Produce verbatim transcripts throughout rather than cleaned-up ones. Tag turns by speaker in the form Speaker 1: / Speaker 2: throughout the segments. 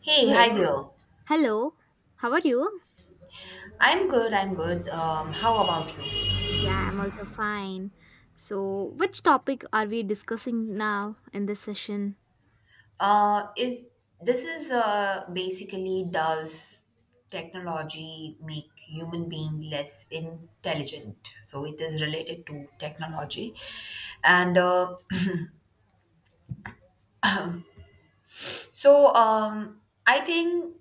Speaker 1: Hey,
Speaker 2: Hey,
Speaker 1: hi there.
Speaker 2: hello. How are you?
Speaker 1: I'm good. I'm good. Um, how about you?
Speaker 2: Yeah, I'm also fine. So, which topic are we discussing now in this session?
Speaker 1: Uh, is this is uh, Basically, does technology make human being less intelligent? So it is related to technology, and uh, so um, I think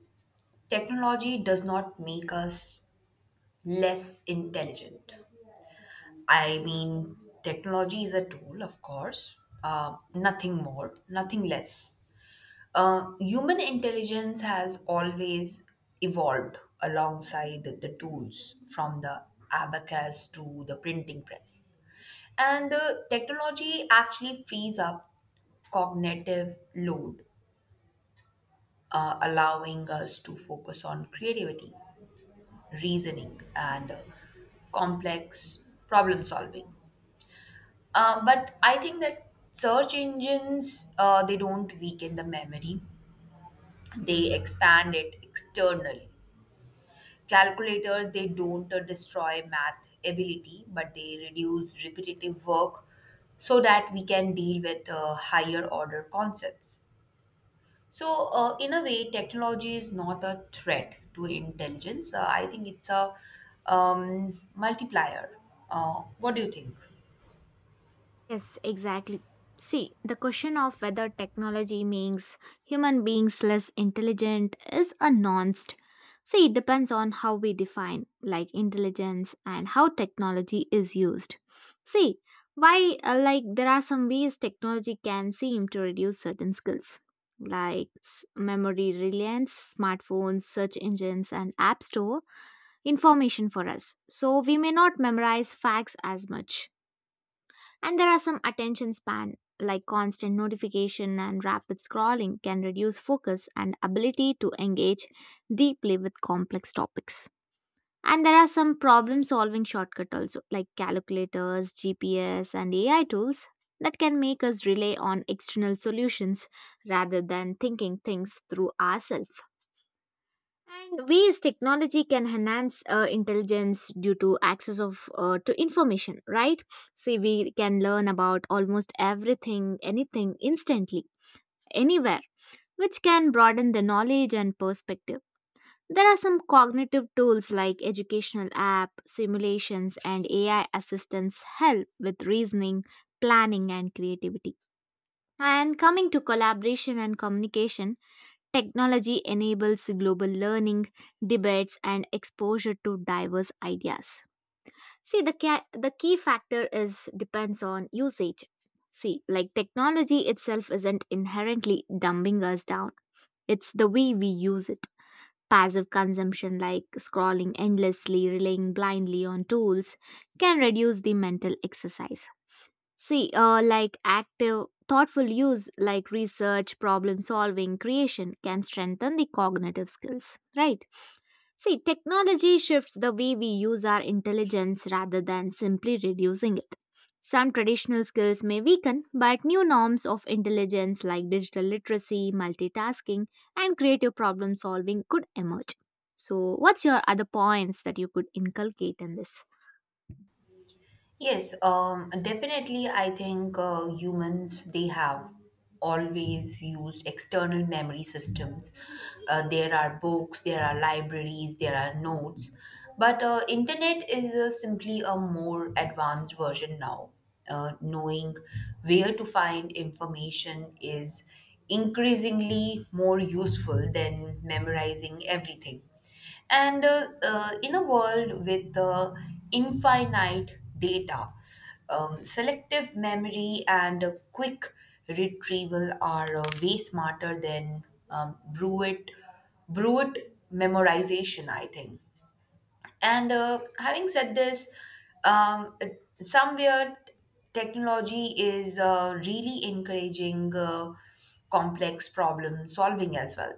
Speaker 1: technology does not make us less intelligent. I mean, technology is a tool, of course, uh, nothing more, nothing less. Uh, human intelligence has always evolved alongside the tools from the abacus to the printing press. And the technology actually frees up cognitive load, uh, allowing us to focus on creativity, reasoning, and uh, complex problem solving. Uh, but I think that search engines uh, they don't weaken the memory; they expand it externally. Calculators, they don't uh, destroy math ability, but they reduce repetitive work so that we can deal with uh, higher order concepts. So, uh, in a way, technology is not a threat to intelligence. Uh, I think it's a um, multiplier. Uh, what do you think?
Speaker 2: Yes, exactly. See, the question of whether technology makes human beings less intelligent is a nuanced. See, it depends on how we define like intelligence and how technology is used. See, why uh, like there are some ways technology can seem to reduce certain skills like s- memory reliance, smartphones, search engines and app store information for us. So we may not memorize facts as much, and there are some attention span, like constant notification and rapid scrolling, can reduce focus and ability to engage deeply with complex topics. And there are some problem solving shortcuts also, like calculators, G P S, and A I tools that can make us rely on external solutions rather than thinking things through ourselves, and ways technology can enhance uh, intelligence due to access of uh, to information, right? See, we can learn about almost everything, anything, instantly, anywhere, which can broaden the knowledge and perspective. There are some cognitive tools like educational app simulations and AI assistants help with reasoning, planning, and creativity. And coming to collaboration and communication, technology enables global learning, debates, and exposure to diverse ideas. See, the, ca- the key factor is depends on usage. See, like technology itself isn't inherently dumbing us down. It's the way we use it. Passive consumption, like scrolling endlessly, relying blindly on tools, can reduce the mental exercise. See, uh, like active, thoughtful use, like research, problem solving, creation, can strengthen the cognitive skills, right? See, technology shifts the way we use our intelligence rather than simply reducing it. Some traditional skills may weaken, but new norms of intelligence like digital literacy, multitasking, and creative problem solving could emerge. So, what's your other points that you could inculcate in this?
Speaker 1: Yes, um, definitely. I think uh, humans they have always used external memory systems. Uh, there are books, there are libraries, there are notes, but uh, internet is uh, simply a more advanced version now. Uh, knowing where to find information is increasingly more useful than memorizing everything, and uh, uh, in a world with uh, infinite data, um, selective memory and uh, quick retrieval are uh, way smarter than um, brute, brute memorization, I think. And uh, having said this, um, somewhere technology is uh, really encouraging uh, complex problem solving as well.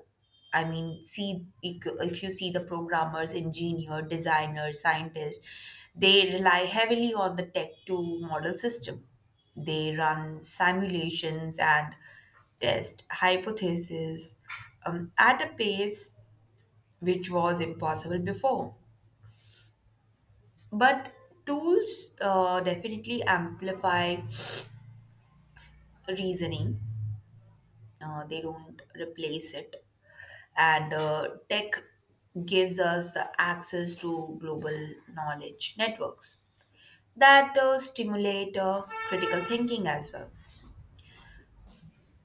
Speaker 1: I mean, see if you see the programmers, engineer, designers, scientists, they rely heavily on the tech to model system. They run simulations and test hypotheses um, at a pace which was impossible before, but tools uh, definitely amplify reasoning, uh, they don't replace it. And uh, tech gives us the access to global knowledge networks that uh, stimulate uh, critical thinking as well.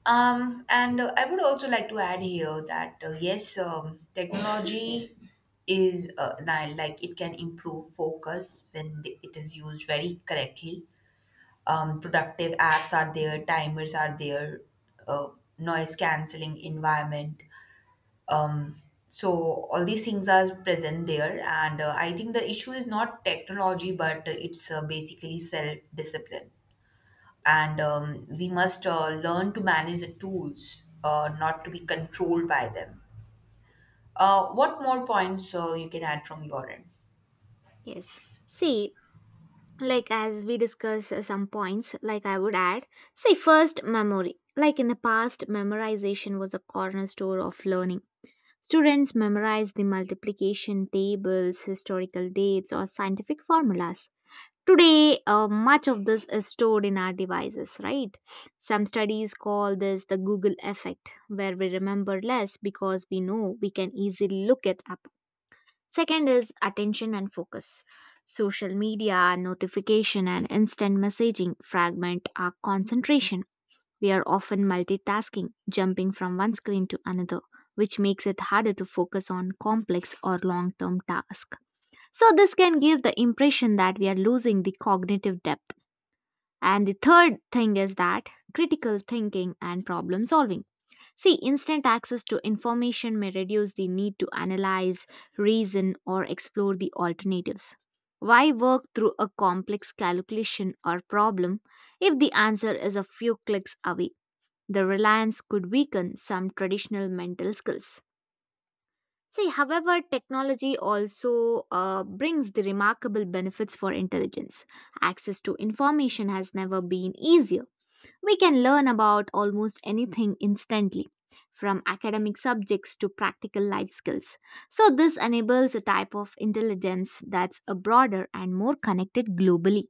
Speaker 1: Um, and uh, I would also like to add here that uh, yes, um, technology is uh, li- like it can improve focus when th- it is used very correctly. Um, productive apps are there, timers are there, uh, noise cancelling environment. Um, so all these things are present there, and uh, I think the issue is not technology, but uh, it's uh, basically self discipline, and um, we must uh, learn to manage the tools, uh, not to be controlled by them. Uh, what more points uh, you can add from your end?
Speaker 2: Yes. See, like as we discuss uh, some points, like I would add, say first memory, like in the past memorization was a cornerstone of learning. Students memorize the multiplication tables, historical dates, or scientific formulas. Today, uh, much of this is stored in our devices, right? Some studies call this the Google effect, where we remember less because we know we can easily look it up. Second is attention and focus. Social media, notification, and instant messaging fragment our concentration. We are often multitasking, jumping from one screen to another, which makes it harder to focus on complex or long term tasks. So, this can give the impression that we are losing the cognitive depth. And the third thing is that critical thinking and problem solving. See, instant access to information may reduce the need to analyze, reason, or explore the alternatives. Why work through a complex calculation or problem if the answer is a few clicks away? The reliance could weaken some traditional mental skills. See, however, technology also uh, brings the remarkable benefits for intelligence. Access to information has never been easier. We can learn about almost anything instantly, from academic subjects to practical life skills. So, this enables a type of intelligence that's a broader and more connected globally.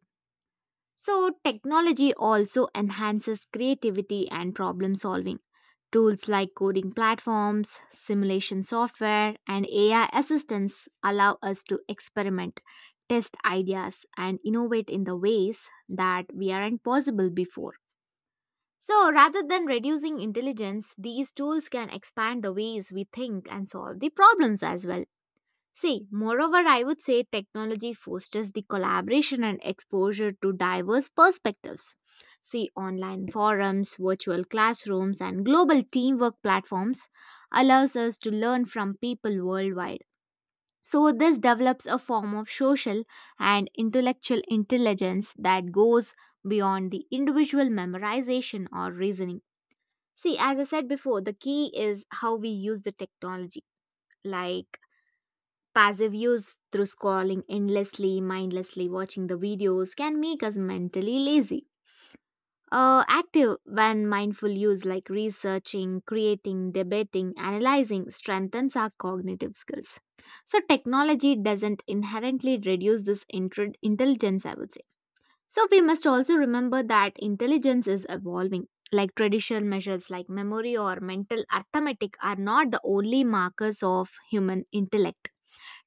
Speaker 2: So, technology also enhances creativity and problem solving. Tools like coding platforms, simulation software, and A I assistants allow us to experiment, test ideas, and innovate in the ways that we aren't possible before. So, rather than reducing intelligence, these tools can expand the ways we think and solve the problems as well. See, moreover, I would say technology fosters the collaboration and exposure to diverse perspectives. See, online forums, virtual classrooms, and global teamwork platforms allows us to learn from people worldwide. So, this develops a form of social and intellectual intelligence that goes beyond the individual memorization or reasoning. See, as I said before, the key is how we use the technology, like passive use through scrolling endlessly, mindlessly, watching the videos can make us mentally lazy. Uh, active when mindful use, like researching, creating, debating, analyzing strengthens our cognitive skills. So technology doesn't inherently reduce this intr- intelligence, I would say. So we must also remember that intelligence is evolving. Like traditional measures like memory or mental arithmetic are not the only markers of human intellect.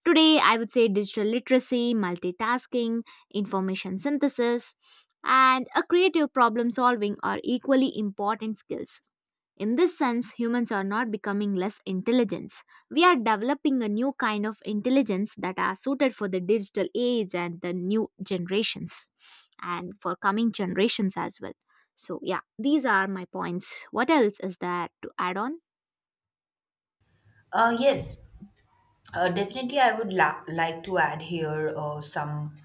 Speaker 2: Today, I would say digital literacy, multitasking, information synthesis, and a creative problem solving are equally important skills. In this sense, humans are not becoming less intelligent. We are developing a new kind of intelligence that are suited for the digital age and the new generations and for coming generations as well. So, yeah, these are my points. What else is there to add on?
Speaker 1: Uh, yes, uh, definitely. I would la- like to add here uh, some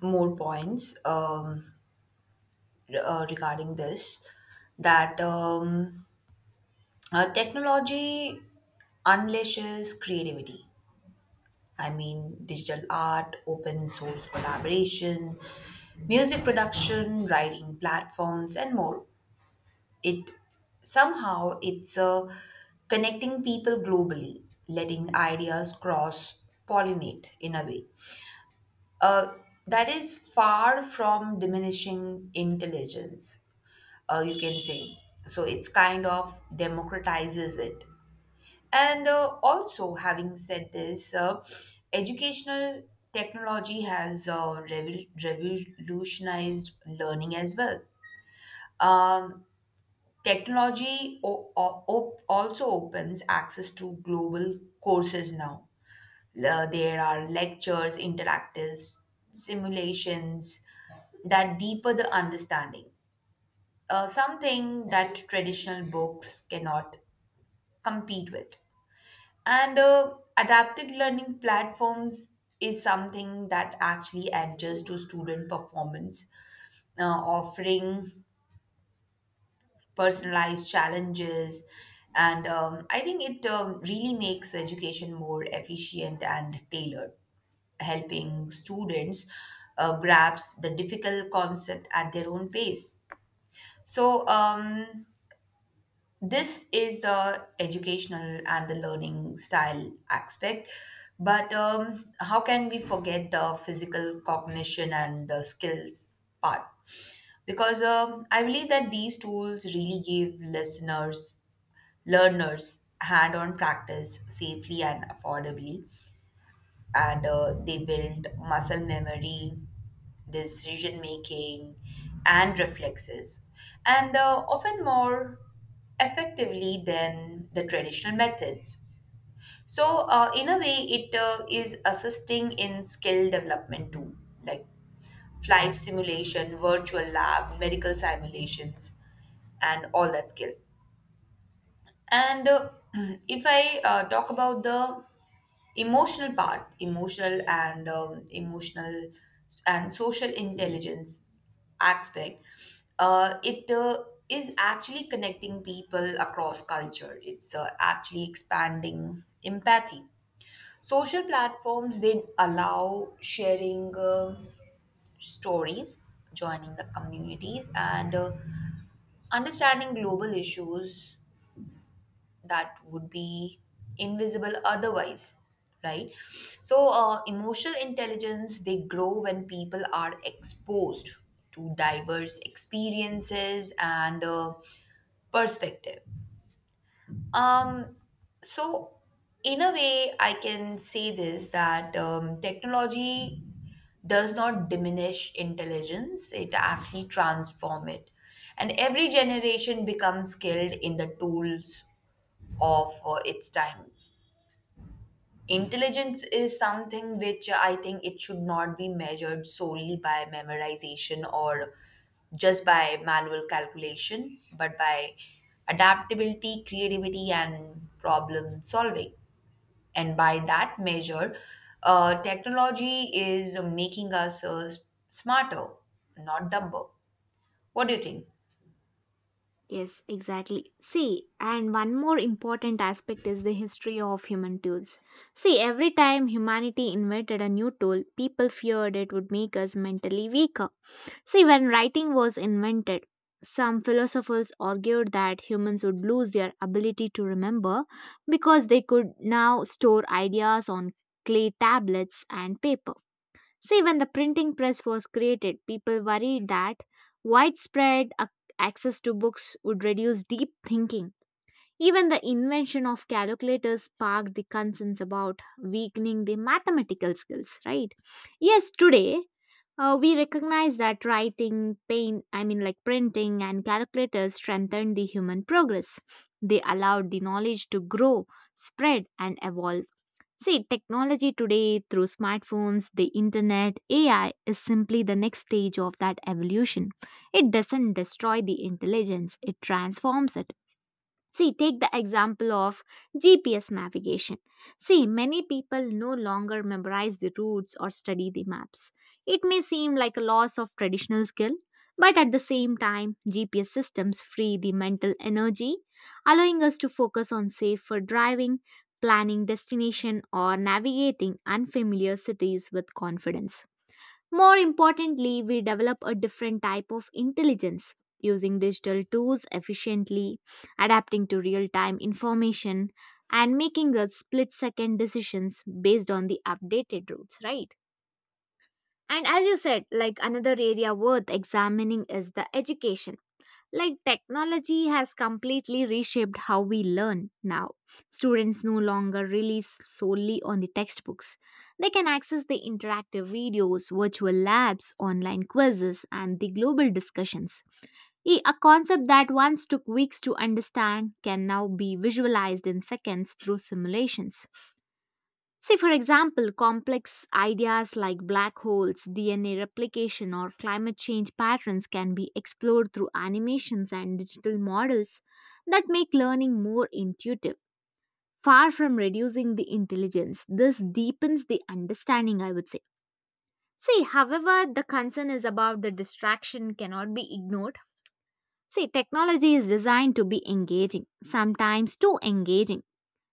Speaker 1: more points um, re- uh, regarding this that um, uh, technology unleashes creativity. I mean, digital art, open source collaboration, music production, writing platforms, and more. It somehow it's uh, connecting people globally, letting ideas cross pollinate in a way. Uh, that is far from diminishing intelligence, uh, you can say. So it's kind of democratizes it. And uh, also, having said this, uh, educational technology has uh, revo- revolutionized learning as well. Um, Technology o- o- op- also opens access to global courses now. Uh, there are lectures, interactives, simulations that deeper the understanding. Uh, something that traditional books cannot compete with. And uh, adapted learning platforms is something that actually adjusts to student performance, uh, offering personalized challenges. And um, I think it um, really makes education more efficient and tailored, helping students uh, grasp the difficult concept at their own pace. So, um, this is the educational and the learning style aspect. But um, how can we forget the physical cognition and the skills part? Because um, I believe that these tools really give listeners, learners, hand on practice safely and affordably. And uh, they build muscle memory, decision making, and reflexes, and uh, often more effectively than the traditional methods. So, uh, in a way, it uh, is assisting in skill development too, like flight simulation, virtual lab, medical simulations, and all that skill. And uh, if I uh, talk about the emotional part emotional and um, emotional and social intelligence aspect, uh, it uh, is actually connecting people across culture. It's uh, actually expanding empathy. Social platforms, they allow sharing uh, stories, joining the communities and uh, understanding global issues that would be invisible otherwise, right? So uh, emotional intelligence they grow when people are exposed to diverse experiences and uh, perspective. Um so in a way I can say this that um, technology does not diminish intelligence, it actually transform it. And every generation becomes skilled in the tools of uh, its times. Intelligence is something which I think it should not be measured solely by memorization or just by manual calculation, but by adaptability, creativity, and problem solving. And by that measure, uh, technology is making us uh, smarter, not dumber. What do you think?
Speaker 2: Yes, exactly. See, and one more important aspect is the history of human tools. See, every time humanity invented a new tool, people feared it would make us mentally weaker. See, when writing was invented, some philosophers argued that humans would lose their ability to remember because they could now store ideas on clay tablets and paper. See, when the printing press was created, people worried that widespread ac- access to books would reduce deep thinking. Even the invention of calculators sparked the concerns about weakening the mathematical skills, right? Yes, today uh, we recognize that writing, pain, I mean, like printing and calculators strengthened the human progress. They allowed the knowledge to grow, spread, and evolve. See, technology today through smartphones, the internet, A I is simply the next stage of that evolution. It doesn't destroy the intelligence, it transforms it. See, take the example of G P S navigation. See, many people no longer memorize the routes or study the maps. It may seem like a loss of traditional skill, but at the same time, G P S systems free the mental energy, allowing us to focus on safer driving, planning destination, or navigating unfamiliar cities with confidence. More importantly, we develop a different type of intelligence using digital tools efficiently, adapting to real time information, and making the split second decisions based on the updated routes, right? And as you said, like another area worth examining is the education, like technology has completely reshaped how we learn now. Students no longer rely solely on the textbooks. They can access the interactive videos, virtual labs, online quizzes, and the global discussions. E- A concept that once took weeks to understand can now be visualized in seconds through simulations. Say, for example, complex ideas like black holes, D N A replication, or climate change patterns can be explored through animations and digital models that make learning more intuitive. Far from reducing the intelligence, this deepens the understanding, I would say. See, however, the concern is about the distraction cannot be ignored. See, technology is designed to be engaging, sometimes too engaging.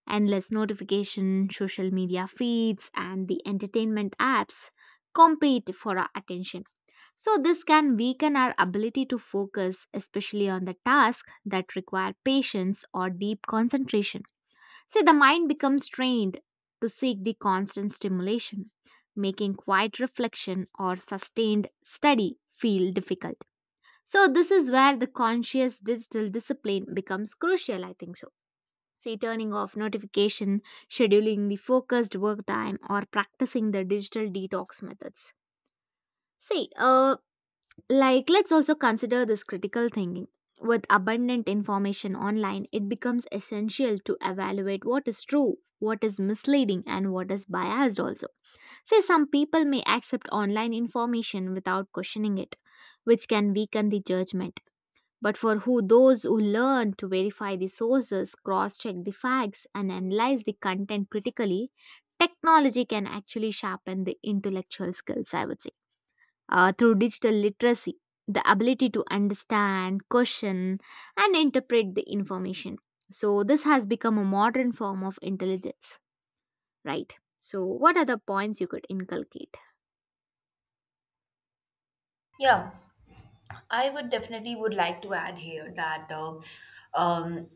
Speaker 2: Endless notification, social media feeds, and the entertainment apps compete for our attention. So, this can weaken our ability to focus, especially on the tasks that require patience or deep concentration. See, the mind becomes trained to seek the constant stimulation, making quiet reflection or sustained study feel difficult. So, this is where the conscious digital discipline becomes crucial, I think so. Say turning off notification, scheduling the focused work time, or practicing the digital detox methods. See, uh, like let's also consider this critical thinking. With abundant information online, it becomes essential to evaluate what is true, what is misleading, and what is biased also. Say some people may accept online information without questioning it, which can weaken the judgment, but for who those who learn to verify the sources, cross-check the facts and analyze the content critically, technology can actually sharpen the intellectual skills, I would say. Uh, through digital literacy, the ability to understand, question and interpret the information. So this has become a modern form of intelligence, right? So what are the points you could inculcate?
Speaker 1: Yeah. I would definitely would like to add here that uh, um,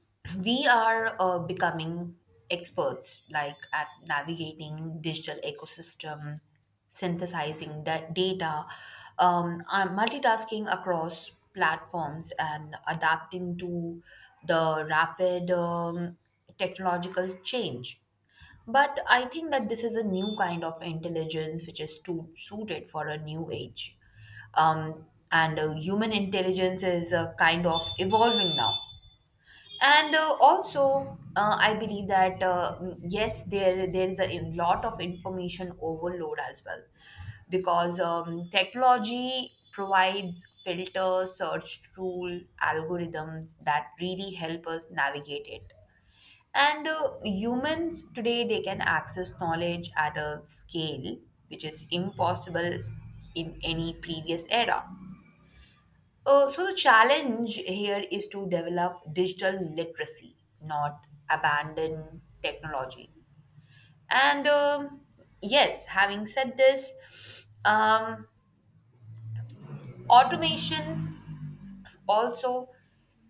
Speaker 1: we are uh, becoming experts like at navigating digital ecosystem, synthesizing that data, um, are multitasking across platforms and adapting to the rapid um, technological change. But I think that this is a new kind of intelligence which is too suited for a new age. Um, and uh, human intelligence is uh, kind of evolving now. And uh, also, uh, I believe that uh, mm, yes, there there is a lot of information overload as well, because um, technology provides filters, search tool, algorithms that really help us navigate it. And uh, humans today, they can access knowledge at a scale which is impossible in any previous era. Uh, so, the challenge here is to develop digital literacy, not abandon technology. And um yes, having said this, um, automation also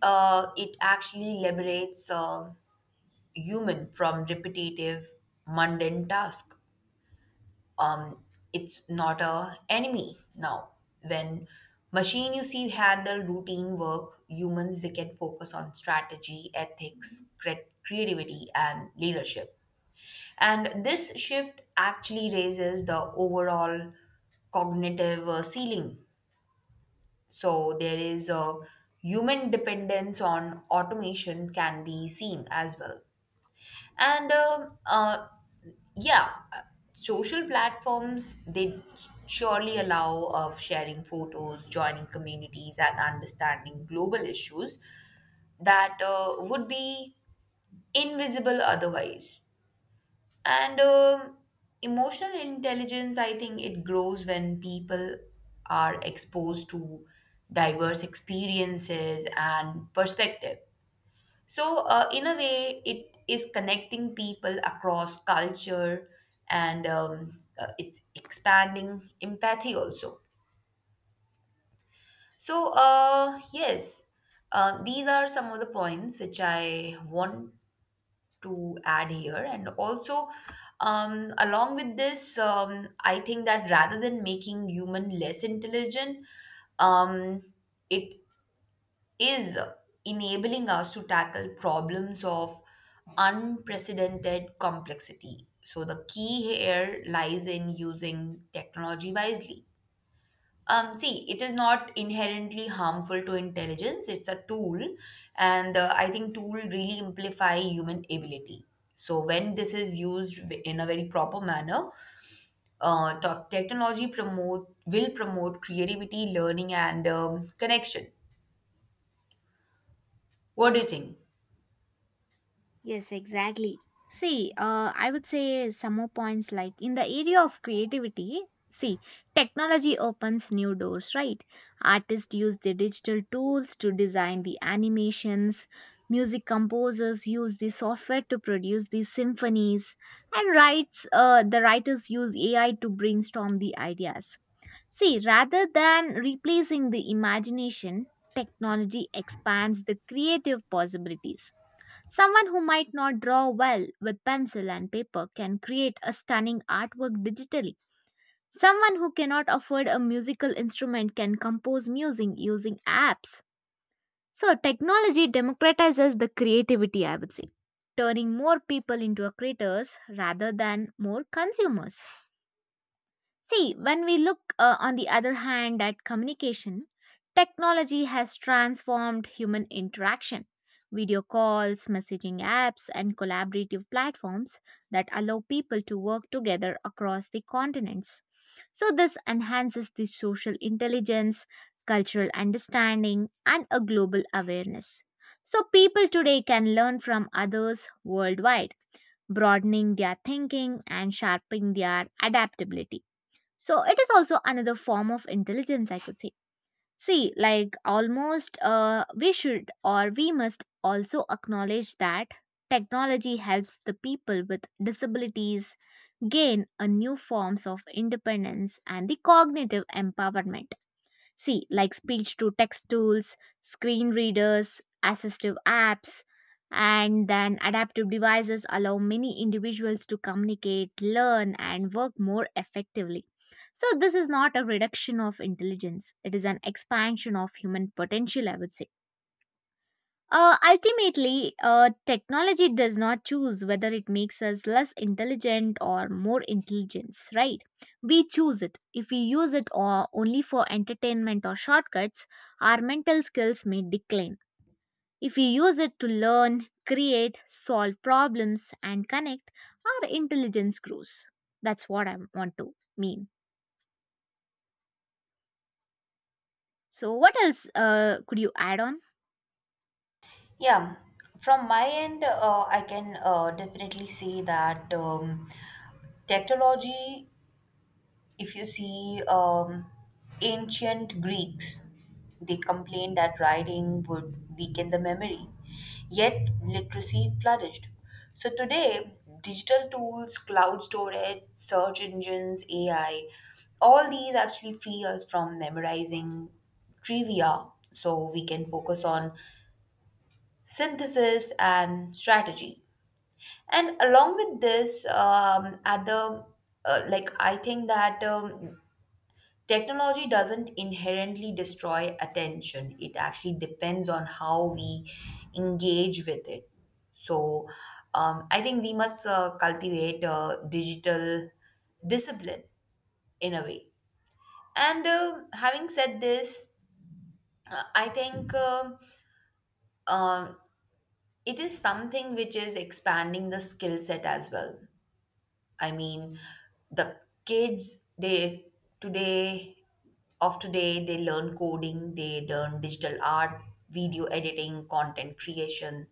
Speaker 1: uh, it actually liberates uh, human from repetitive mundane task. um, it's not a enemy now. When machine you see handle routine work, humans they can focus on strategy, ethics, cre- creativity and leadership, and this shift actually raises the overall cognitive uh, ceiling. So there is a human dependence on automation can be seen as well. And um, uh, yeah uh, social platforms, they surely allow of sharing photos, joining communities and understanding global issues that uh, would be invisible otherwise. And um, emotional intelligence, I think it grows when people are exposed to diverse experiences and perspective. So, uh, in a way, it is connecting people across culture, and um, uh, it's expanding empathy also. So, uh, yes, uh, these are some of the points which I want to add here. And also, um, along with this, um, I think that rather than making human less intelligent, um, it is enabling us to tackle problems of unprecedented complexity. So the key here lies in using technology wisely. Um, see, it is not inherently harmful to intelligence. It's a tool, and uh, I think tool really amplify human ability. So when this is used w- in a very proper manner, uh, to- technology promote will promote creativity, learning, and um, connection. What do you think?
Speaker 2: Yes, exactly. See, uh, I would say some more points, like in the area of creativity. See, technology opens new doors, right? Artists use the digital tools to design the animations, music composers use the software to produce the symphonies, and writes, uh, the writers use A I to brainstorm the ideas. See, rather than replacing the imagination, technology expands the creative possibilities. Someone who might not draw well with pencil and paper can create a stunning artwork digitally. Someone who cannot afford a musical instrument can compose music using apps. So, technology democratizes the creativity, I would say, turning more people into a creators rather than more consumers. See, when we look, uh, on the other hand, at communication, technology has transformed human interaction. Video calls, messaging apps, and collaborative platforms that allow people to work together across the continents. So, this enhances the social intelligence, cultural understanding, and a global awareness. So, people today can learn from others worldwide, broadening their thinking and sharpening their adaptability. So it is also another form of intelligence, I could say. See, like almost uh, we should or we must also acknowledge that technology helps the people with disabilities gain a new forms of independence and the cognitive empowerment. See, like speech to text tools, screen readers, assistive apps, and then adaptive devices allow many individuals to communicate, learn, and work more effectively. So, this is not a reduction of intelligence, it is an expansion of human potential, I would say. Uh, ultimately, uh, technology does not choose whether it makes us less intelligent or more intelligence, right? We choose it. If we use it or only for entertainment or shortcuts, our mental skills may decline. If we use it to learn, create, solve problems, and connect, our intelligence grows. That's what I want to mean. So, what else uh, could you add on?
Speaker 1: Yeah, from my end, uh, I can uh, definitely say that um, technology, if you see um, ancient Greeks, they complained that writing would weaken the memory, yet literacy flourished. So today, digital tools, cloud storage, search engines, A I, all these actually free us from memorizing trivia so we can focus on synthesis and strategy. And along with this, um, at the uh, like I think that um, technology doesn't inherently destroy attention, it actually depends on how we engage with it. So um, I think we must uh, cultivate uh, digital discipline in a way. And uh, having said this, uh, I think um um, it is something which is expanding the skill set as well. I mean, the kids they today, of today, they learn coding, they learn digital art, video editing, content creation,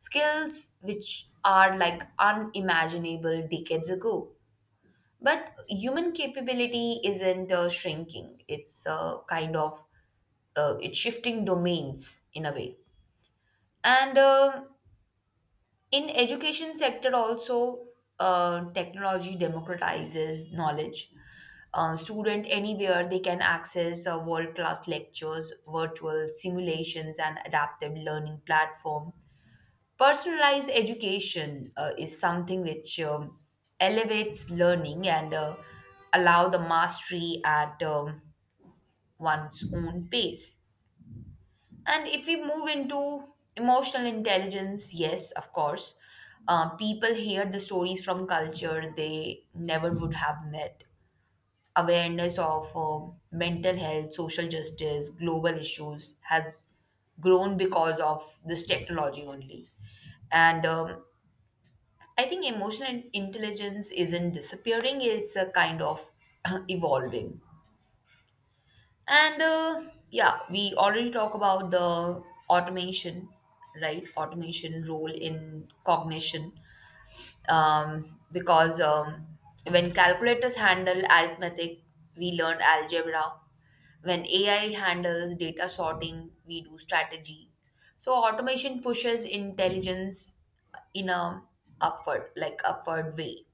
Speaker 1: skills which are like unimaginable decades ago. But human capability isn't uh, shrinking. It's uh, kind of uh, it's shifting domains in a way. And um in education sector also, uh, technology democratizes knowledge. Uh, student anywhere, they can access uh, world class lectures, virtual simulations and adaptive learning platform. Personalized education uh, is something which um, elevates learning and uh, allow the mastery at um, one's own pace. And if we move into emotional intelligence, yes, of course, uh, people hear the stories from culture they never would have met. Awareness of uh, mental health, social justice, global issues has grown because of this technology only. And um, I think emotional intelligence isn't disappearing, it's a kind of evolving. And uh, yeah, we already talk about the automation, right? Automation role in cognition, um, because um, when calculators handle arithmetic, we learn algebra. When A I handles data sorting, we do strategy. So automation pushes intelligence in a upward, like upward way.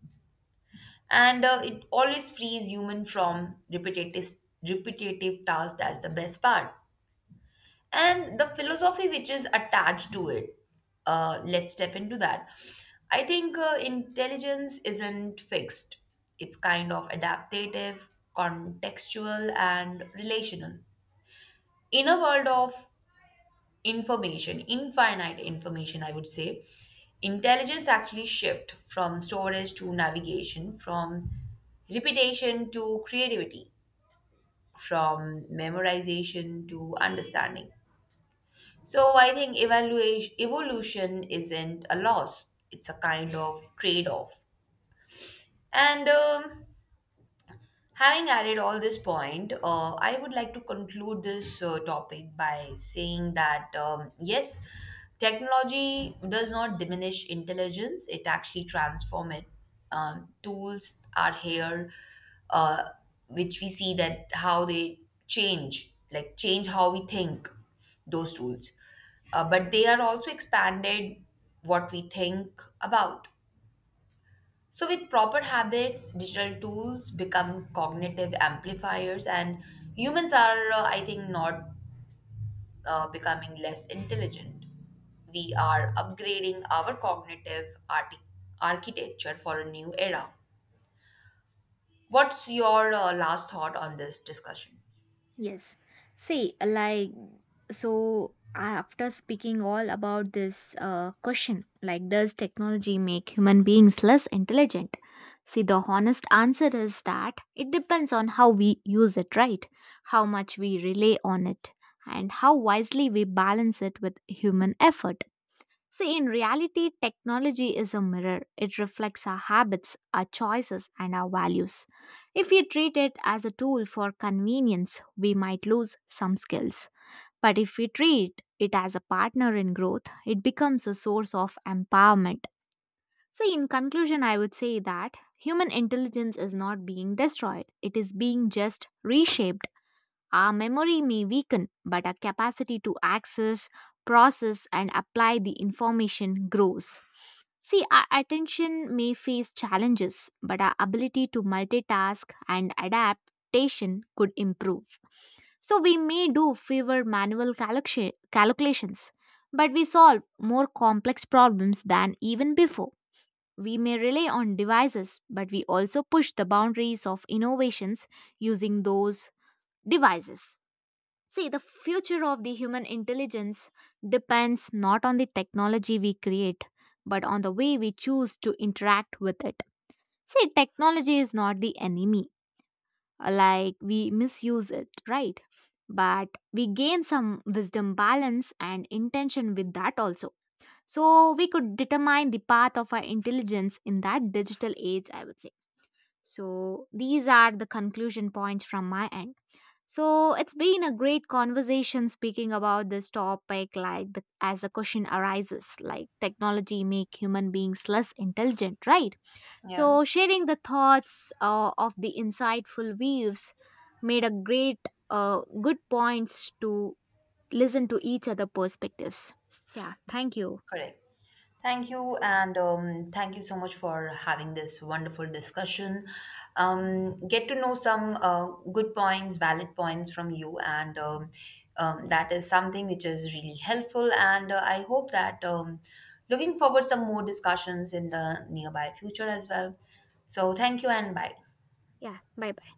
Speaker 1: And uh, it always frees human from repetitive repetitive tasks, that's the best part. And the philosophy which is attached to it, uh, let's step into that. I think uh, intelligence isn't fixed, it's kind of adaptive, contextual and relational. In a world of information, infinite information, I would say, intelligence actually shift from storage to navigation, from repetition to creativity, from memorization to understanding. So I think evaluation evolution isn't a loss; it's a kind of trade-off. And um, Having added all this point, uh, I would like to conclude this uh, topic by saying that um, yes, technology does not diminish intelligence; it actually transforms it. Um, tools are here, uh, which we see that how they change, like change how we think. Those tools, uh, but they are also expanded what we think about. So, with proper habits, digital tools become cognitive amplifiers, and humans are, uh, I think, not uh, becoming less intelligent. We are upgrading our cognitive arti- architecture for a new era. What's your uh, last thought on this discussion?
Speaker 2: Yes. See, like, so after speaking all about this uh, question, like, does technology make human beings less intelligent? See, the honest answer is that it depends on how we use it, right? How much we rely on it, and how wisely we balance it with human effort. See, in reality, technology is a mirror. It reflects our habits, our choices, and our values. If we treat it as a tool for convenience, we might lose some skills. But if we treat it as a partner in growth, it becomes a source of empowerment. See, in conclusion, I would say that human intelligence is not being destroyed, it is being just reshaped. Our memory may weaken, but our capacity to access, process, and apply the information grows. See, our attention may face challenges, but our ability to multitask and adaptation could improve. So, we may do fewer manual calculation- calculations, but we solve more complex problems than even before. We may rely on devices, but we also push the boundaries of innovations using those devices. See, the future of the human intelligence depends not on the technology we create, but on the way we choose to interact with it. See, technology is not the enemy, like we misuse it, right? But we gain some wisdom, balance, and intention with that also. So, we could determine the path of our intelligence in that digital age, I would say. So, these are the conclusion points from my end. So it's been a great conversation speaking about this topic, like the, as the question arises, like technology make human beings less intelligent, right?
Speaker 1: Yeah.
Speaker 2: So sharing the thoughts uh, of the insightful views made a great uh, good points to listen to each other perspectives. Yeah, thank you.
Speaker 1: Correct. Thank you, and um, thank you so much for having this wonderful discussion. Um, get to know some uh, good points, valid points from you, and um, um, that is something which is really helpful. And uh, I hope that um, looking forward some more discussions in the nearby future as well. So thank you and bye.
Speaker 2: Yeah, bye.